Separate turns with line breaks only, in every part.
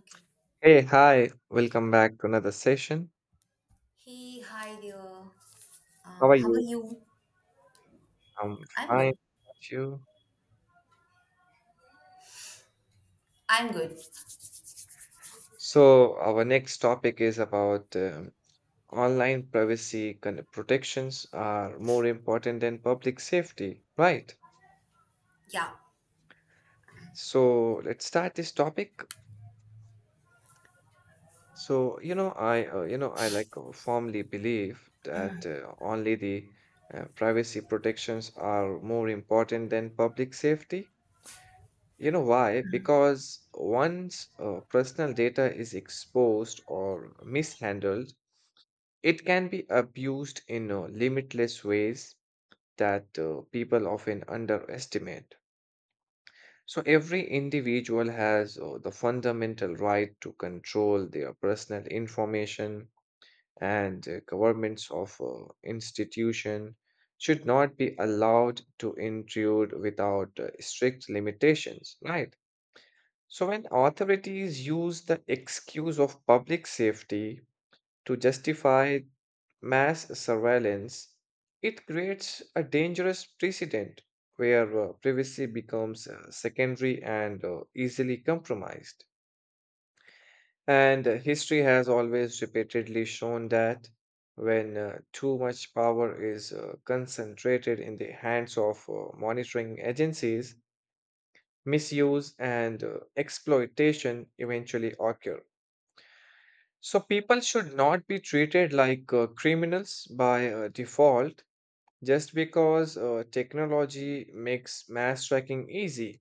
Okay.
Hey, hi, welcome back to another session.
Hey, hi there.
How are
How are
you?
you?
I'm
I'm
fine.
good.
How about you?
I'm good.
So, our next topic is about online privacy protections are more important than public safety, right?
Yeah.
So, let's start this topic. So, you know, I like firmly believe that only the privacy protections are more important than public safety. You know why? Because once personal data is exposed or mishandled, it can be abused in limitless ways that people often underestimate. So, every individual has the fundamental right to control their personal information, and governments of institution should not be allowed to intrude without strict limitations, right? So, when authorities use the excuse of public safety to justify mass surveillance, it creates a dangerous precedent where privacy becomes secondary and easily compromised. And history has always repeatedly shown that when too much power is concentrated in the hands of monitoring agencies, misuse and exploitation eventually occur. So people should not be treated like criminals by default just because technology makes mass tracking easy.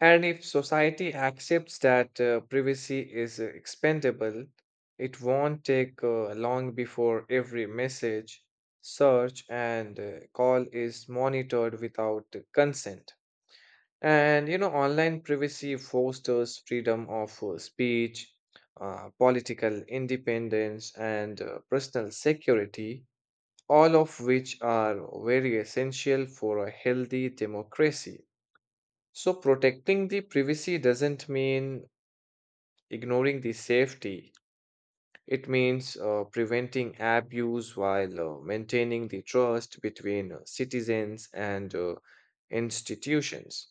And if society accepts that privacy is expendable, it won't take long before every message, search, and call is monitored without consent. And you know, online privacy fosters freedom of speech, political independence, and personal security, all of which are very essential for a healthy democracy. So, protecting the privacy doesn't mean ignoring the safety, it means preventing abuse while maintaining the trust between citizens and institutions.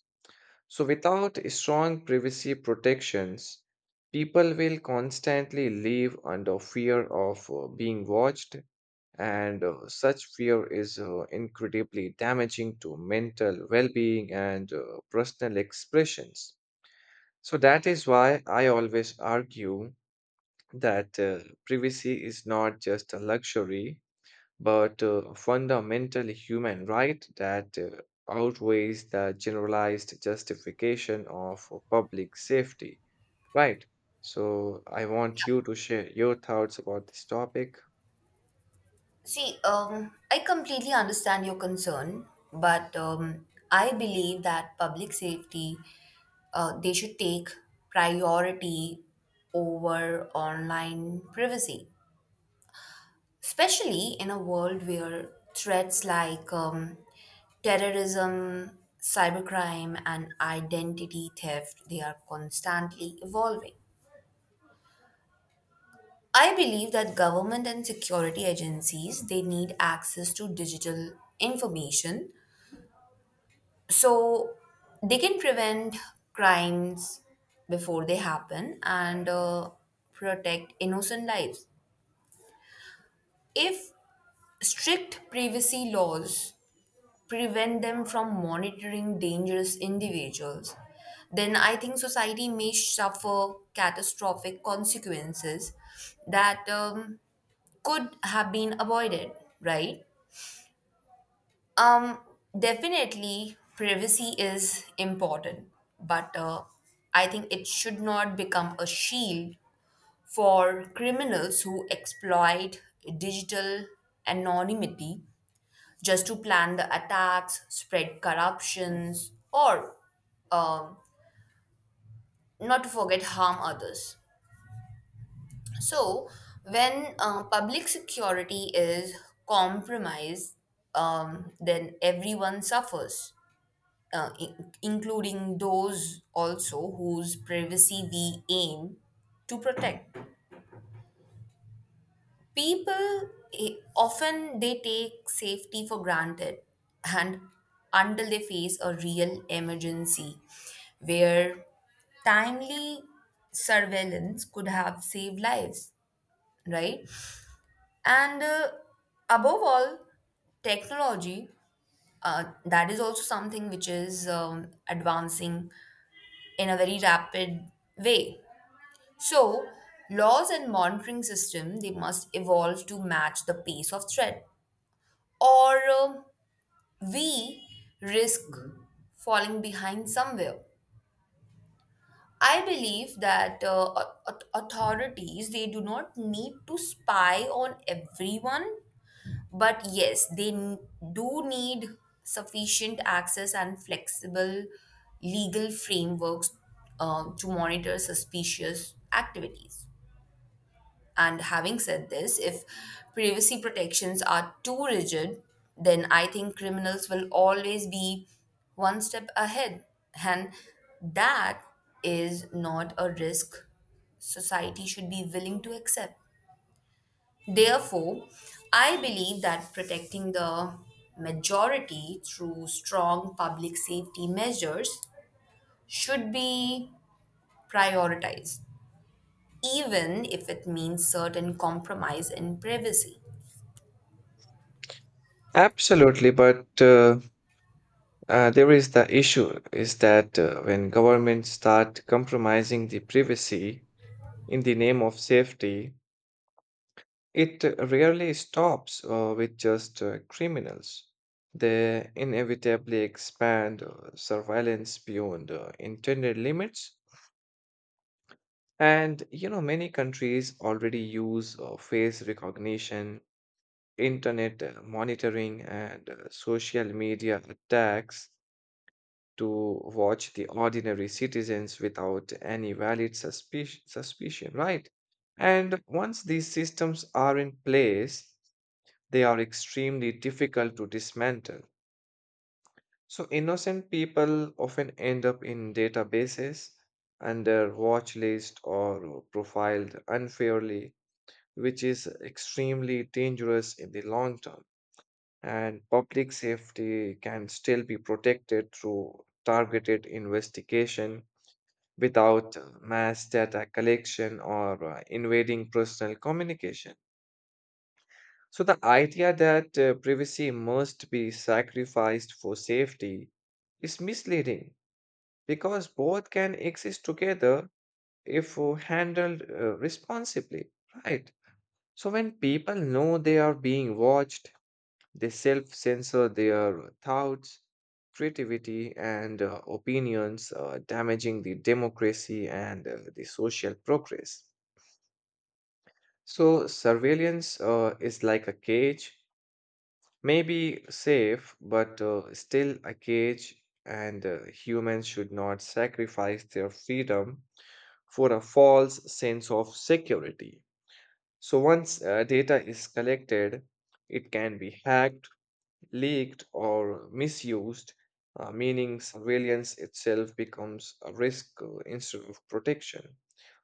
So, without strong privacy protections, people will constantly live under fear of being watched, and such fear is incredibly damaging to mental well being and personal expressions. So, that is why I always argue that privacy is not just a luxury, but fundamentally human right that outweighs the generalized justification of public safety, right? So I want you to share your thoughts about this topic.
See, I completely understand your concern, but I believe that public safety, they should take priority over online privacy, especially in a world where threats like terrorism, cybercrime, and identity theft, they are constantly evolving. I believe that government and security agencies they need access to digital information so they can prevent crimes before they happen, and protect innocent lives. If strict privacy laws prevent them from monitoring dangerous individuals, then I think society may suffer catastrophic consequences that could have been avoided, right? Um, Definitely, privacy is important, but I think it should not become a shield for criminals who exploit digital anonymity just to plan the attacks, spread corruptions, or um, not to forget harm others. So, when public security is compromised, then everyone suffers, including those also whose privacy we aim to protect. People often they take safety for granted, and until they face a real emergency, where timely surveillance could have saved lives, right? And above all, technology, that is also something which is advancing in a very rapid way. So laws and monitoring system they must evolve to match the pace of threat, or we risk falling behind somewhere. I believe that authorities they do not need to spy on everyone, but yes, do need sufficient access and flexible legal frameworks to monitor suspicious activities. And having said this, if privacy protections are too rigid, then I think criminals will always be one step ahead. And that is not a risk society should be willing to accept. Therefore, I believe that protecting the majority through strong public safety measures should be prioritized, even if it means certain compromise in privacy.
Absolutely, but there is the issue is that when governments start compromising the privacy in the name of safety, it rarely stops with just criminals. They inevitably expand surveillance beyond intended limits. And you know, many countries already use face recognition, internet monitoring, and social media attacks to watch the ordinary citizens without any valid suspicion, right? And once these systems are in place, they are extremely difficult to dismantle. So, innocent people often end up in databases under watch list or profiled unfairly, which is extremely dangerous in the long term. And public safety can still be protected through targeted investigation without mass data collection or invading personal communication. So the idea that privacy must be sacrificed for safety is misleading because both can exist together if handled responsibly, right? So when people know they are being watched, they self-censor their thoughts, creativity, and opinions, damaging the democracy and the social progress. So surveillance is like a cage. Maybe safe, but still a cage, and humans should not sacrifice their freedom for a false sense of security. So, once data is collected, it can be hacked, leaked or misused, meaning surveillance itself becomes a risk instead of protection.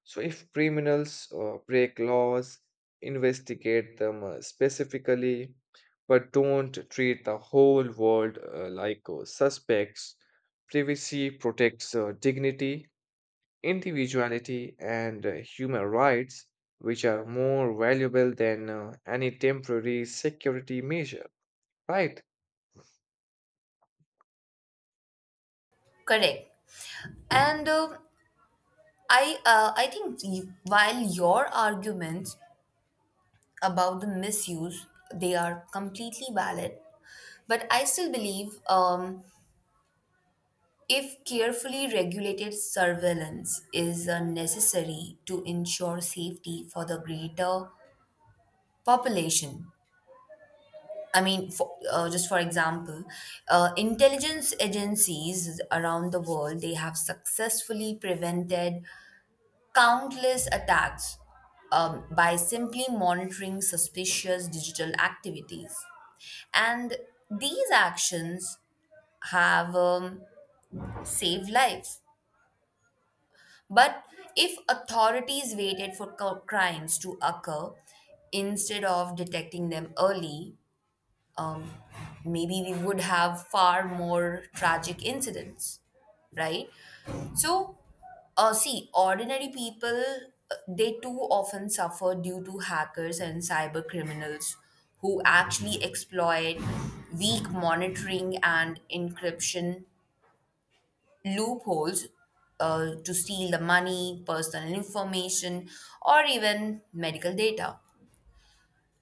So, if criminals break laws, investigate them specifically, but don't treat the whole world like suspects. Privacy protects dignity, individuality, and human rights, which are more valuable than any temporary security measure, right?
Correct. And I think while your arguments about the misuse, they are completely valid, but I still believe if carefully regulated surveillance is necessary to ensure safety for the greater population. I mean, just for example, intelligence agencies around the world they have successfully prevented countless attacks by simply monitoring suspicious digital activities. And these actions have saved lives. But if authorities waited for crimes to occur instead of detecting them early, um, maybe we would have far more tragic incidents, right? So, see, ordinary people, they too often suffer due to hackers and cyber criminals who actually exploit weak monitoring and encryption loopholes to steal the money, personal information, or even medical data.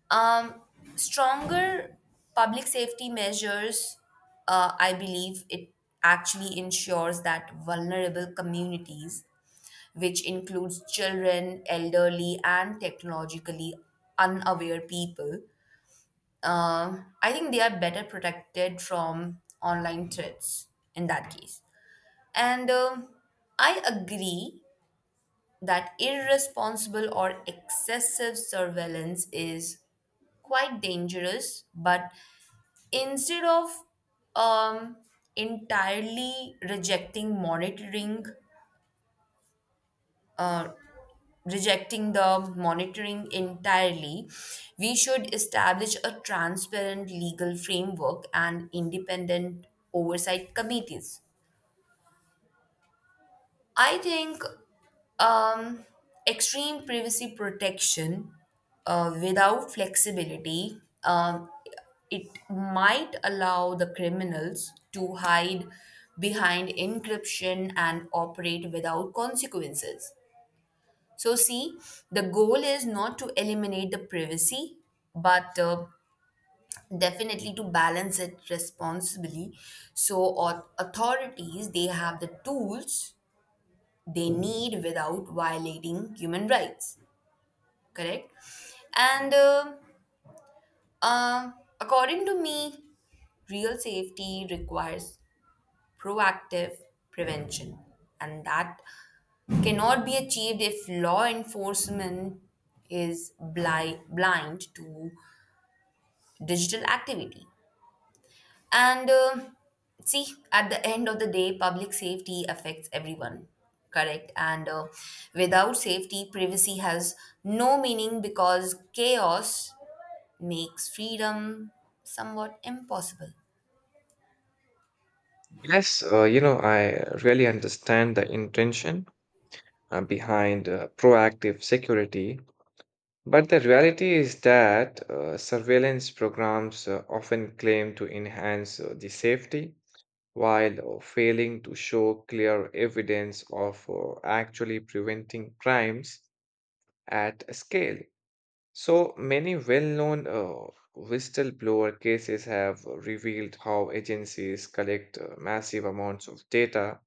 Um, Stronger public safety measures, I believe it actually ensures that vulnerable communities, which includes children, elderly, and technologically unaware people, I think they are better protected from online threats in that case. And I agree that irresponsible or excessive surveillance is quite dangerous, but instead of um, entirely rejecting monitoring rejecting the monitoring entirely, we should establish a transparent legal framework and independent oversight committees. I think um, extreme privacy protection, without flexibility, it might allow the criminals to hide behind encryption and operate without consequences. So, see, the goal is not to eliminate the privacy, but definitely to balance it responsibly. So, authorities they have the tools they need without violating human rights, correct. And uh, according to me, real safety requires proactive prevention, and that cannot be achieved if law enforcement is blind to digital activity. And see, at the end of the day, public safety affects everyone, correct? And without safety, privacy has no meaning because chaos makes freedom somewhat impossible.
Yes, you know, I really understand the intention behind proactive security, but the reality is that surveillance programs often claim to enhance the safety while failing to show clear evidence of actually preventing crimes at scale. So many well-known whistleblower cases have revealed how agencies collect massive amounts of data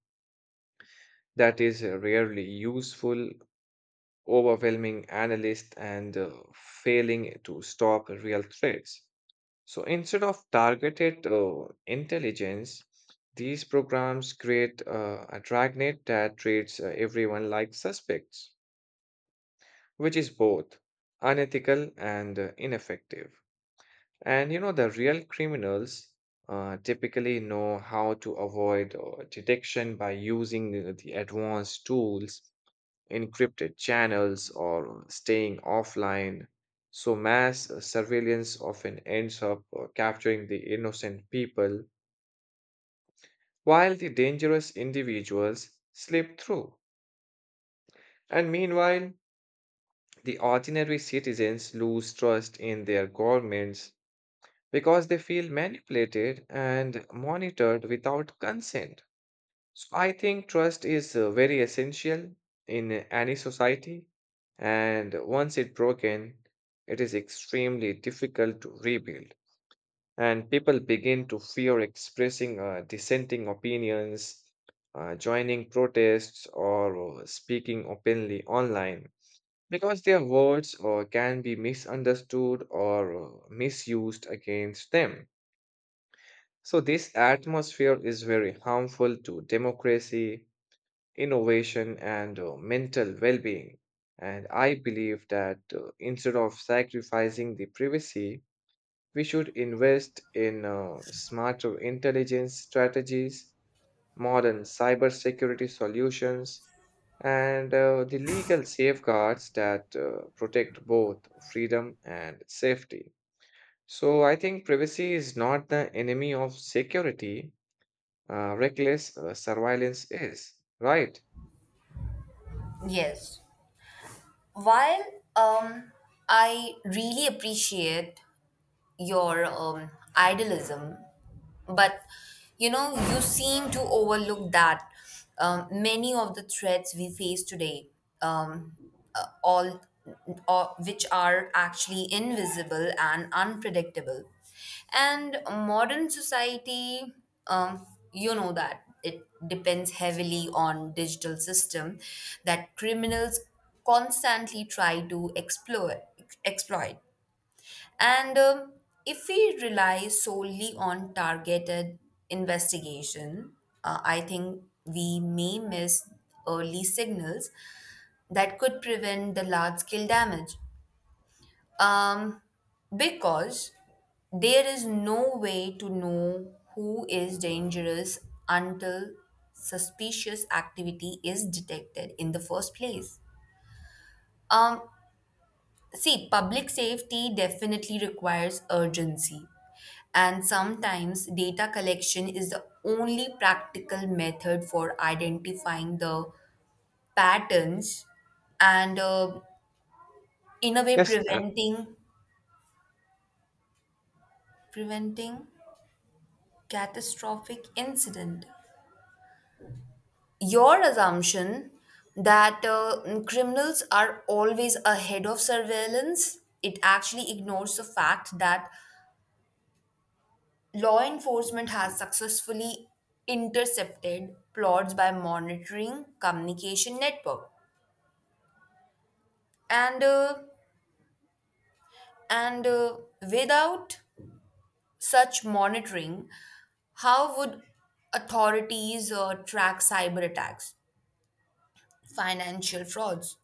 that is rarely useful, overwhelming analysts, and failing to stop real threats. So instead of targeted intelligence, these programs create a dragnet that treats everyone like suspects, which is both unethical and ineffective. And you know, the real criminals typically know how to avoid detection by using the advanced tools, encrypted channels, or staying offline. So, mass surveillance often ends up capturing the innocent people while the dangerous individuals slip through. And meanwhile, the ordinary citizens lose trust in their governments because they feel manipulated and monitored without consent. So I think trust is very essential in any society, and once it's broken, it is extremely difficult to rebuild. And people begin to fear expressing dissenting opinions, joining protests, or speaking openly online because their words can be misunderstood or misused against them. So, this atmosphere is very harmful to democracy, innovation, and mental well being. And I believe that instead of sacrificing the privacy, we should invest in smarter intelligence strategies, modern cybersecurity solutions, and the legal safeguards that protect both freedom and safety. So I think privacy is not the enemy of security. Reckless surveillance is, right?
Yes. While um, I really appreciate your idealism, but you know, you seem to overlook that many of the threats we face today, um, all or which are actually invisible and unpredictable. And modern society, um, you know that it depends heavily on digital system that criminals constantly try to explore exploit, and if we rely solely on targeted investigation, I think we may miss early signals that could prevent the large scale damage. Um, because there is no way to know who is dangerous until suspicious activity is detected in the first place. Um, See, public safety definitely requires urgency. And sometimes data collection is the only practical method for identifying the patterns, and in a way
Yes,
preventing catastrophic incident. Your assumption that criminals are always ahead of surveillance, it actually ignores the fact that law enforcement has successfully intercepted plots by monitoring communication network. And and uh, without such monitoring, how would authorities track cyber attacks, financial frauds,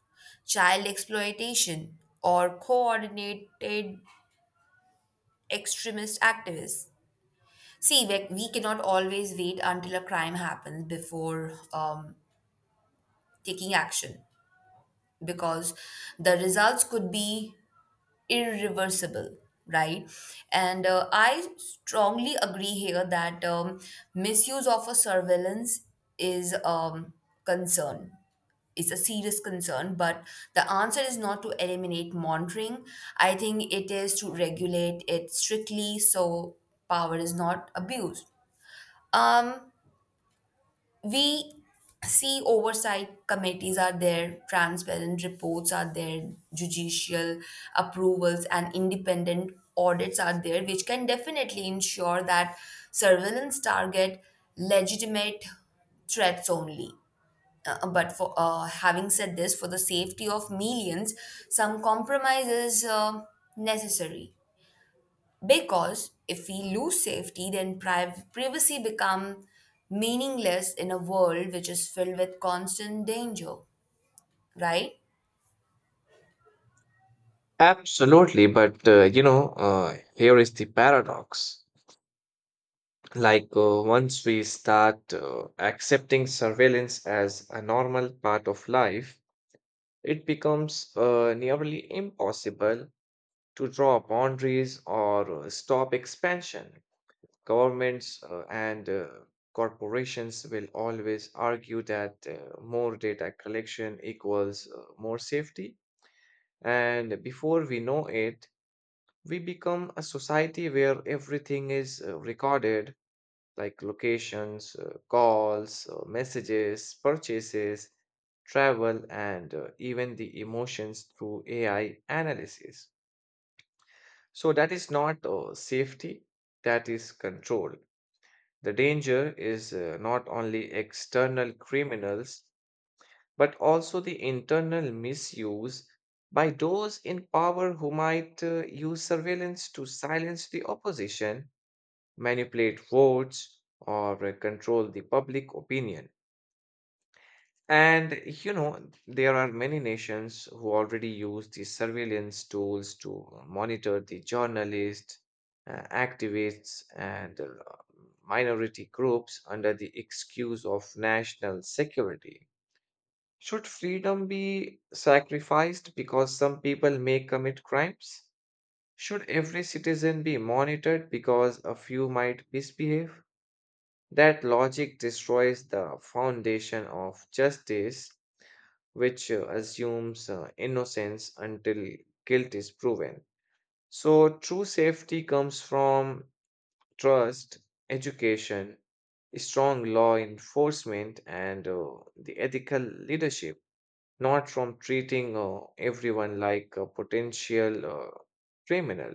child exploitation, or coordinated extremist activists? See, we cannot always wait until a crime happens before taking action, because the results could be irreversible, right? And I strongly agree here that um, misuse of a surveillance is um, concern, it's a serious concern, but the answer is not to eliminate monitoring. I think it is to regulate it strictly so power is not abused. Um we See, oversight committees are there, transparent reports are there, judicial approvals and independent audits are there, which can definitely ensure that surveillance target legitimate threats only. But for having said this, for the safety of millions, some compromise is necessary. Because if we lose safety, then privacy become meaningless in a world which is filled with constant danger, right?
absolutely, but you know, here is the paradox. Like, once we start accepting surveillance as a normal part of life, it becomes nearly impossible to draw boundaries or stop expansion. Governments and corporations will always argue that more data collection equals more safety. And before we know it, we become a society where everything is recorded, like locations, calls, messages, purchases, travel, and even the emotions through AI analysis. So that is not safety, that is control. The danger is not only external criminals but also the internal misuse by those in power who might use surveillance to silence the opposition, manipulate votes, or control the public opinion. And you know, there are many nations who already use these surveillance tools to monitor the journalists, activists, and minority groups under the excuse of national security. Should freedom be sacrificed because some people may commit crimes? Should every citizen be monitored because a few might misbehave? That logic destroys the foundation of justice, which assumes innocence until guilt is proven. So, true safety comes from trust, education, strong law enforcement, and the ethical leadership, not from treating everyone like a potential criminal.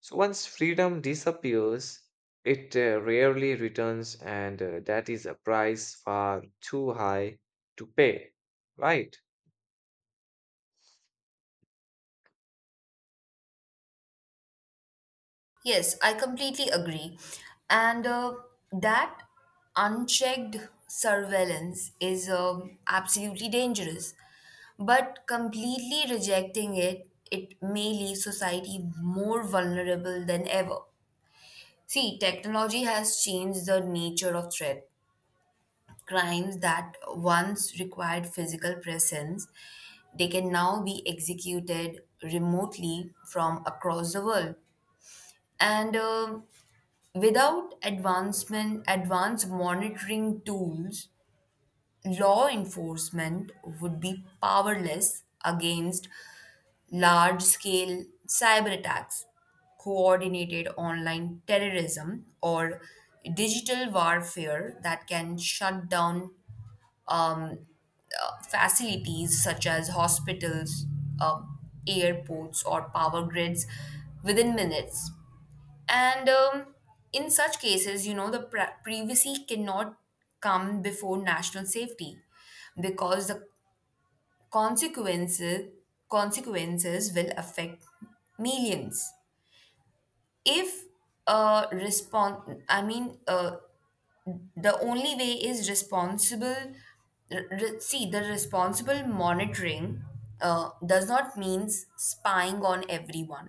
So once freedom disappears, it rarely returns, and that is a price far too high to pay, right?
Yes, I completely agree. And that unchecked surveillance is absolutely dangerous. But completely rejecting it, it may leave society more vulnerable than ever. See, technology has changed the nature of threat. Crimes that once required physical presence, they can now be executed remotely from across the world. And without advancement, advanced monitoring tools, law enforcement would be powerless against large scale cyber attacks, coordinated online terrorism, or digital warfare that can shut down, um, facilities such as hospitals, um, airports, or power grids within minutes. And in such cases, you know, the privacy cannot come before national safety, because the consequences consequences will affect millions. If a response, I mean, The only way is responsible. See, the responsible monitoring does not means spying on everyone,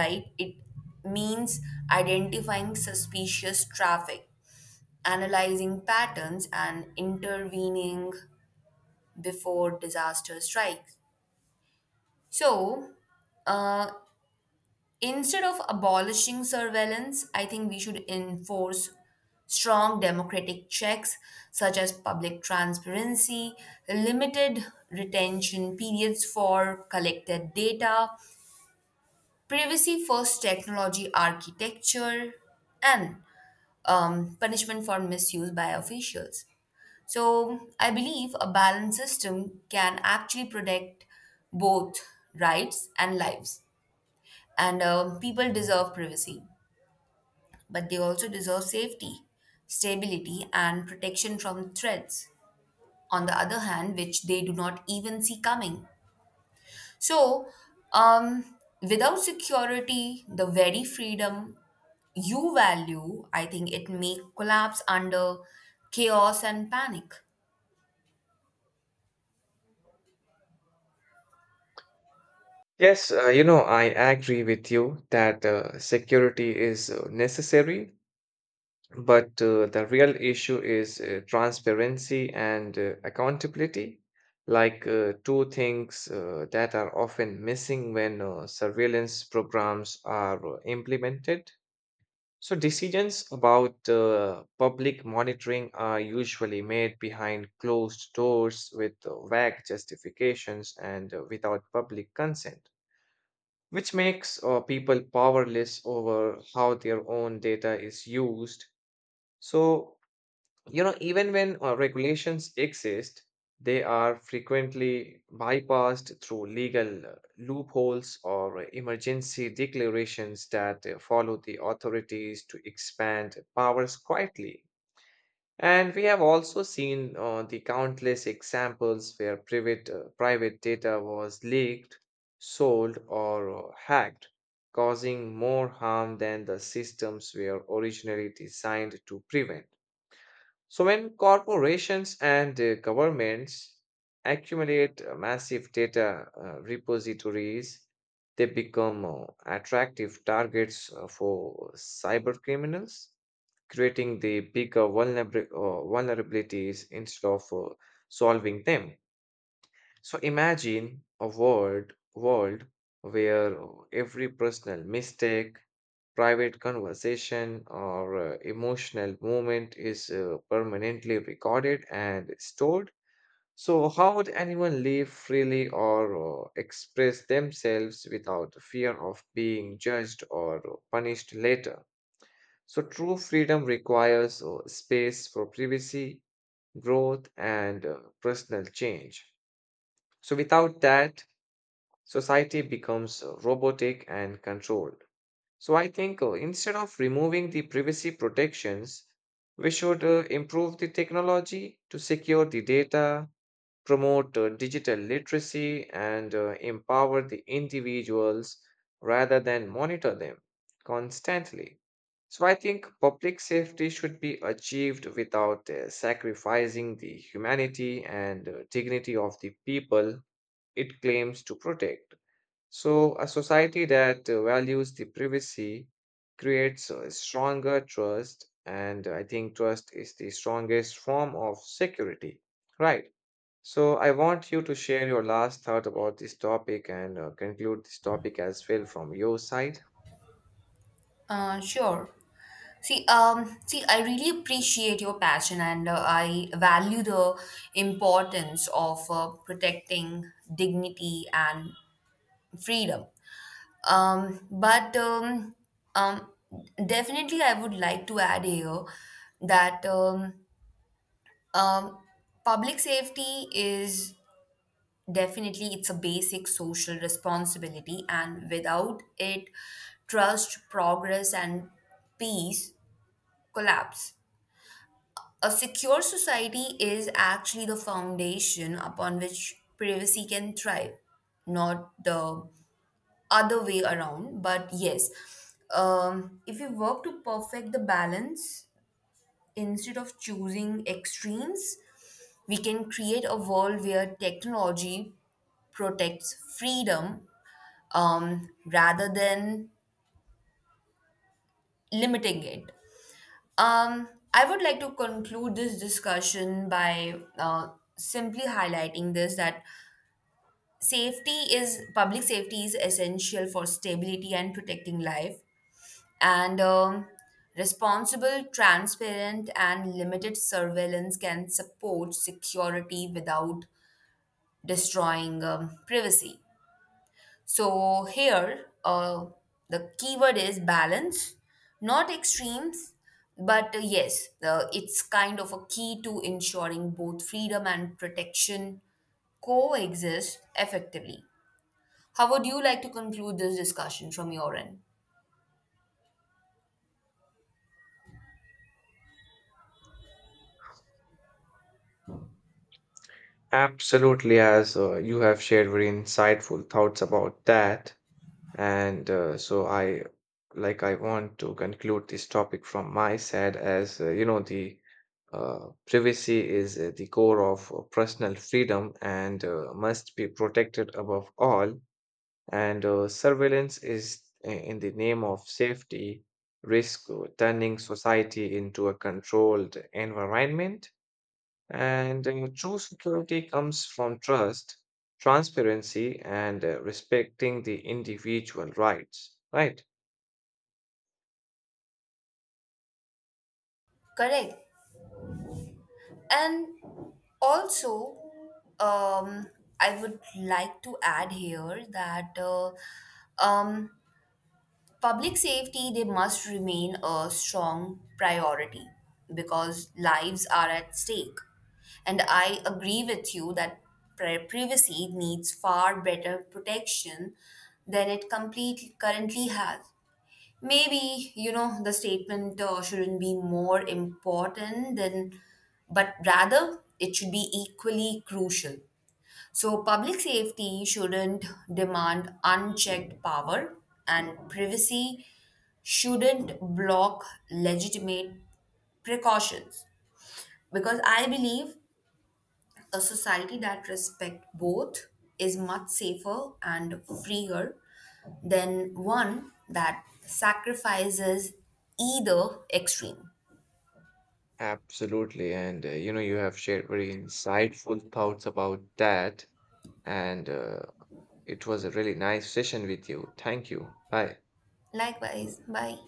right? It means identifying suspicious traffic, analyzing patterns, and intervening before disaster strikes. So, uh, instead of abolishing surveillance, I think we should enforce strong democratic checks such as public transparency, limited retention periods for collected data, privacy first technology architecture, and punishment for misuse by officials. So, I believe a balanced system can actually protect both rights and lives, and people deserve privacy, but they also deserve safety, stability, and protection from threats, on the other hand, which they do not even see coming. So, um, without security, the very freedom you value, I think it may collapse under chaos and panic.
Yes, you know, I agree with you that security is necessary. But the real issue is transparency and accountability, like two things that are often missing when surveillance programs are implemented. So, decisions about public monitoring are usually made behind closed doors with vague justifications and without public consent, which makes people powerless over how their own data is used. So, you know, even when regulations exist, they are frequently bypassed through legal loopholes or emergency declarations that follow the authorities to expand powers quietly. And we have also seen the countless examples where private data was leaked, sold, or hacked, causing more harm than the systems were originally designed to prevent. So, when corporations and governments accumulate massive data repositories, they become attractive targets for cyber criminals, creating the bigger vulnerabilities instead of solving them. So imagine a world where every personal mistake, private conversation, or emotional moment is permanently recorded and stored. So how would anyone live freely or express themselves without fear of being judged or punished later? So true freedom requires space for privacy, growth, and personal change. So without that, society becomes robotic and controlled. So I think instead of removing the privacy protections, we should improve the technology to secure the data, promote digital literacy, and empower the individuals rather than monitor them constantly. So I think public safety should be achieved without sacrificing the humanity and dignity of the people it claims to protect. So, a society that values the privacy creates a stronger trust, and I think trust is the strongest form of security, right? So, I want you to share your last thought about this topic and conclude this topic as well from your side.
Sure. See, I really appreciate your passion, and I value the importance of protecting dignity and freedom. But um, Definitely, I would like to add here that um, public safety is definitely it's a basic social responsibility, and without it, trust, progress, and peace collapse. A secure society is actually the foundation upon which privacy can thrive, not the other way around. But yes, if we work to perfect the balance instead of choosing extremes, we can create a world where technology protects freedom, rather than limiting it. um, I would like to conclude this discussion by simply highlighting this, that safety is public safety is essential for stability and protecting life. And responsible, transparent, and limited surveillance can support security without destroying privacy. So, here, the keyword is balance, not extremes, but yes, it's kind of a key to ensuring both freedom and protection coexist effectively. How would you like to conclude this discussion from your end?
Absolutely, as you have shared very insightful thoughts about that. And I want to conclude this topic from my side as you know, the privacy is the core of personal freedom and must be protected above all. And surveillance in the name of safety risk turning society into a controlled environment, and true security comes from trust, transparency, and respecting the individual rights, right?
Correct. And also, um, I would like to add here that um, public safety they must remain a strong priority because lives are at stake. And I agree with you that privacy needs far better protection than it complete currently has. Maybe, you know, the statement shouldn't be more important than, but rather it should be equally crucial. So, public safety shouldn't demand unchecked power, and privacy shouldn't block legitimate precautions. Because I believe a society that respects both is much safer and freer than one that sacrifices either extreme.
Absolutely. And you know, you have shared very insightful thoughts about that. And it was a really nice session with you. Thank you. Bye.
Likewise, bye.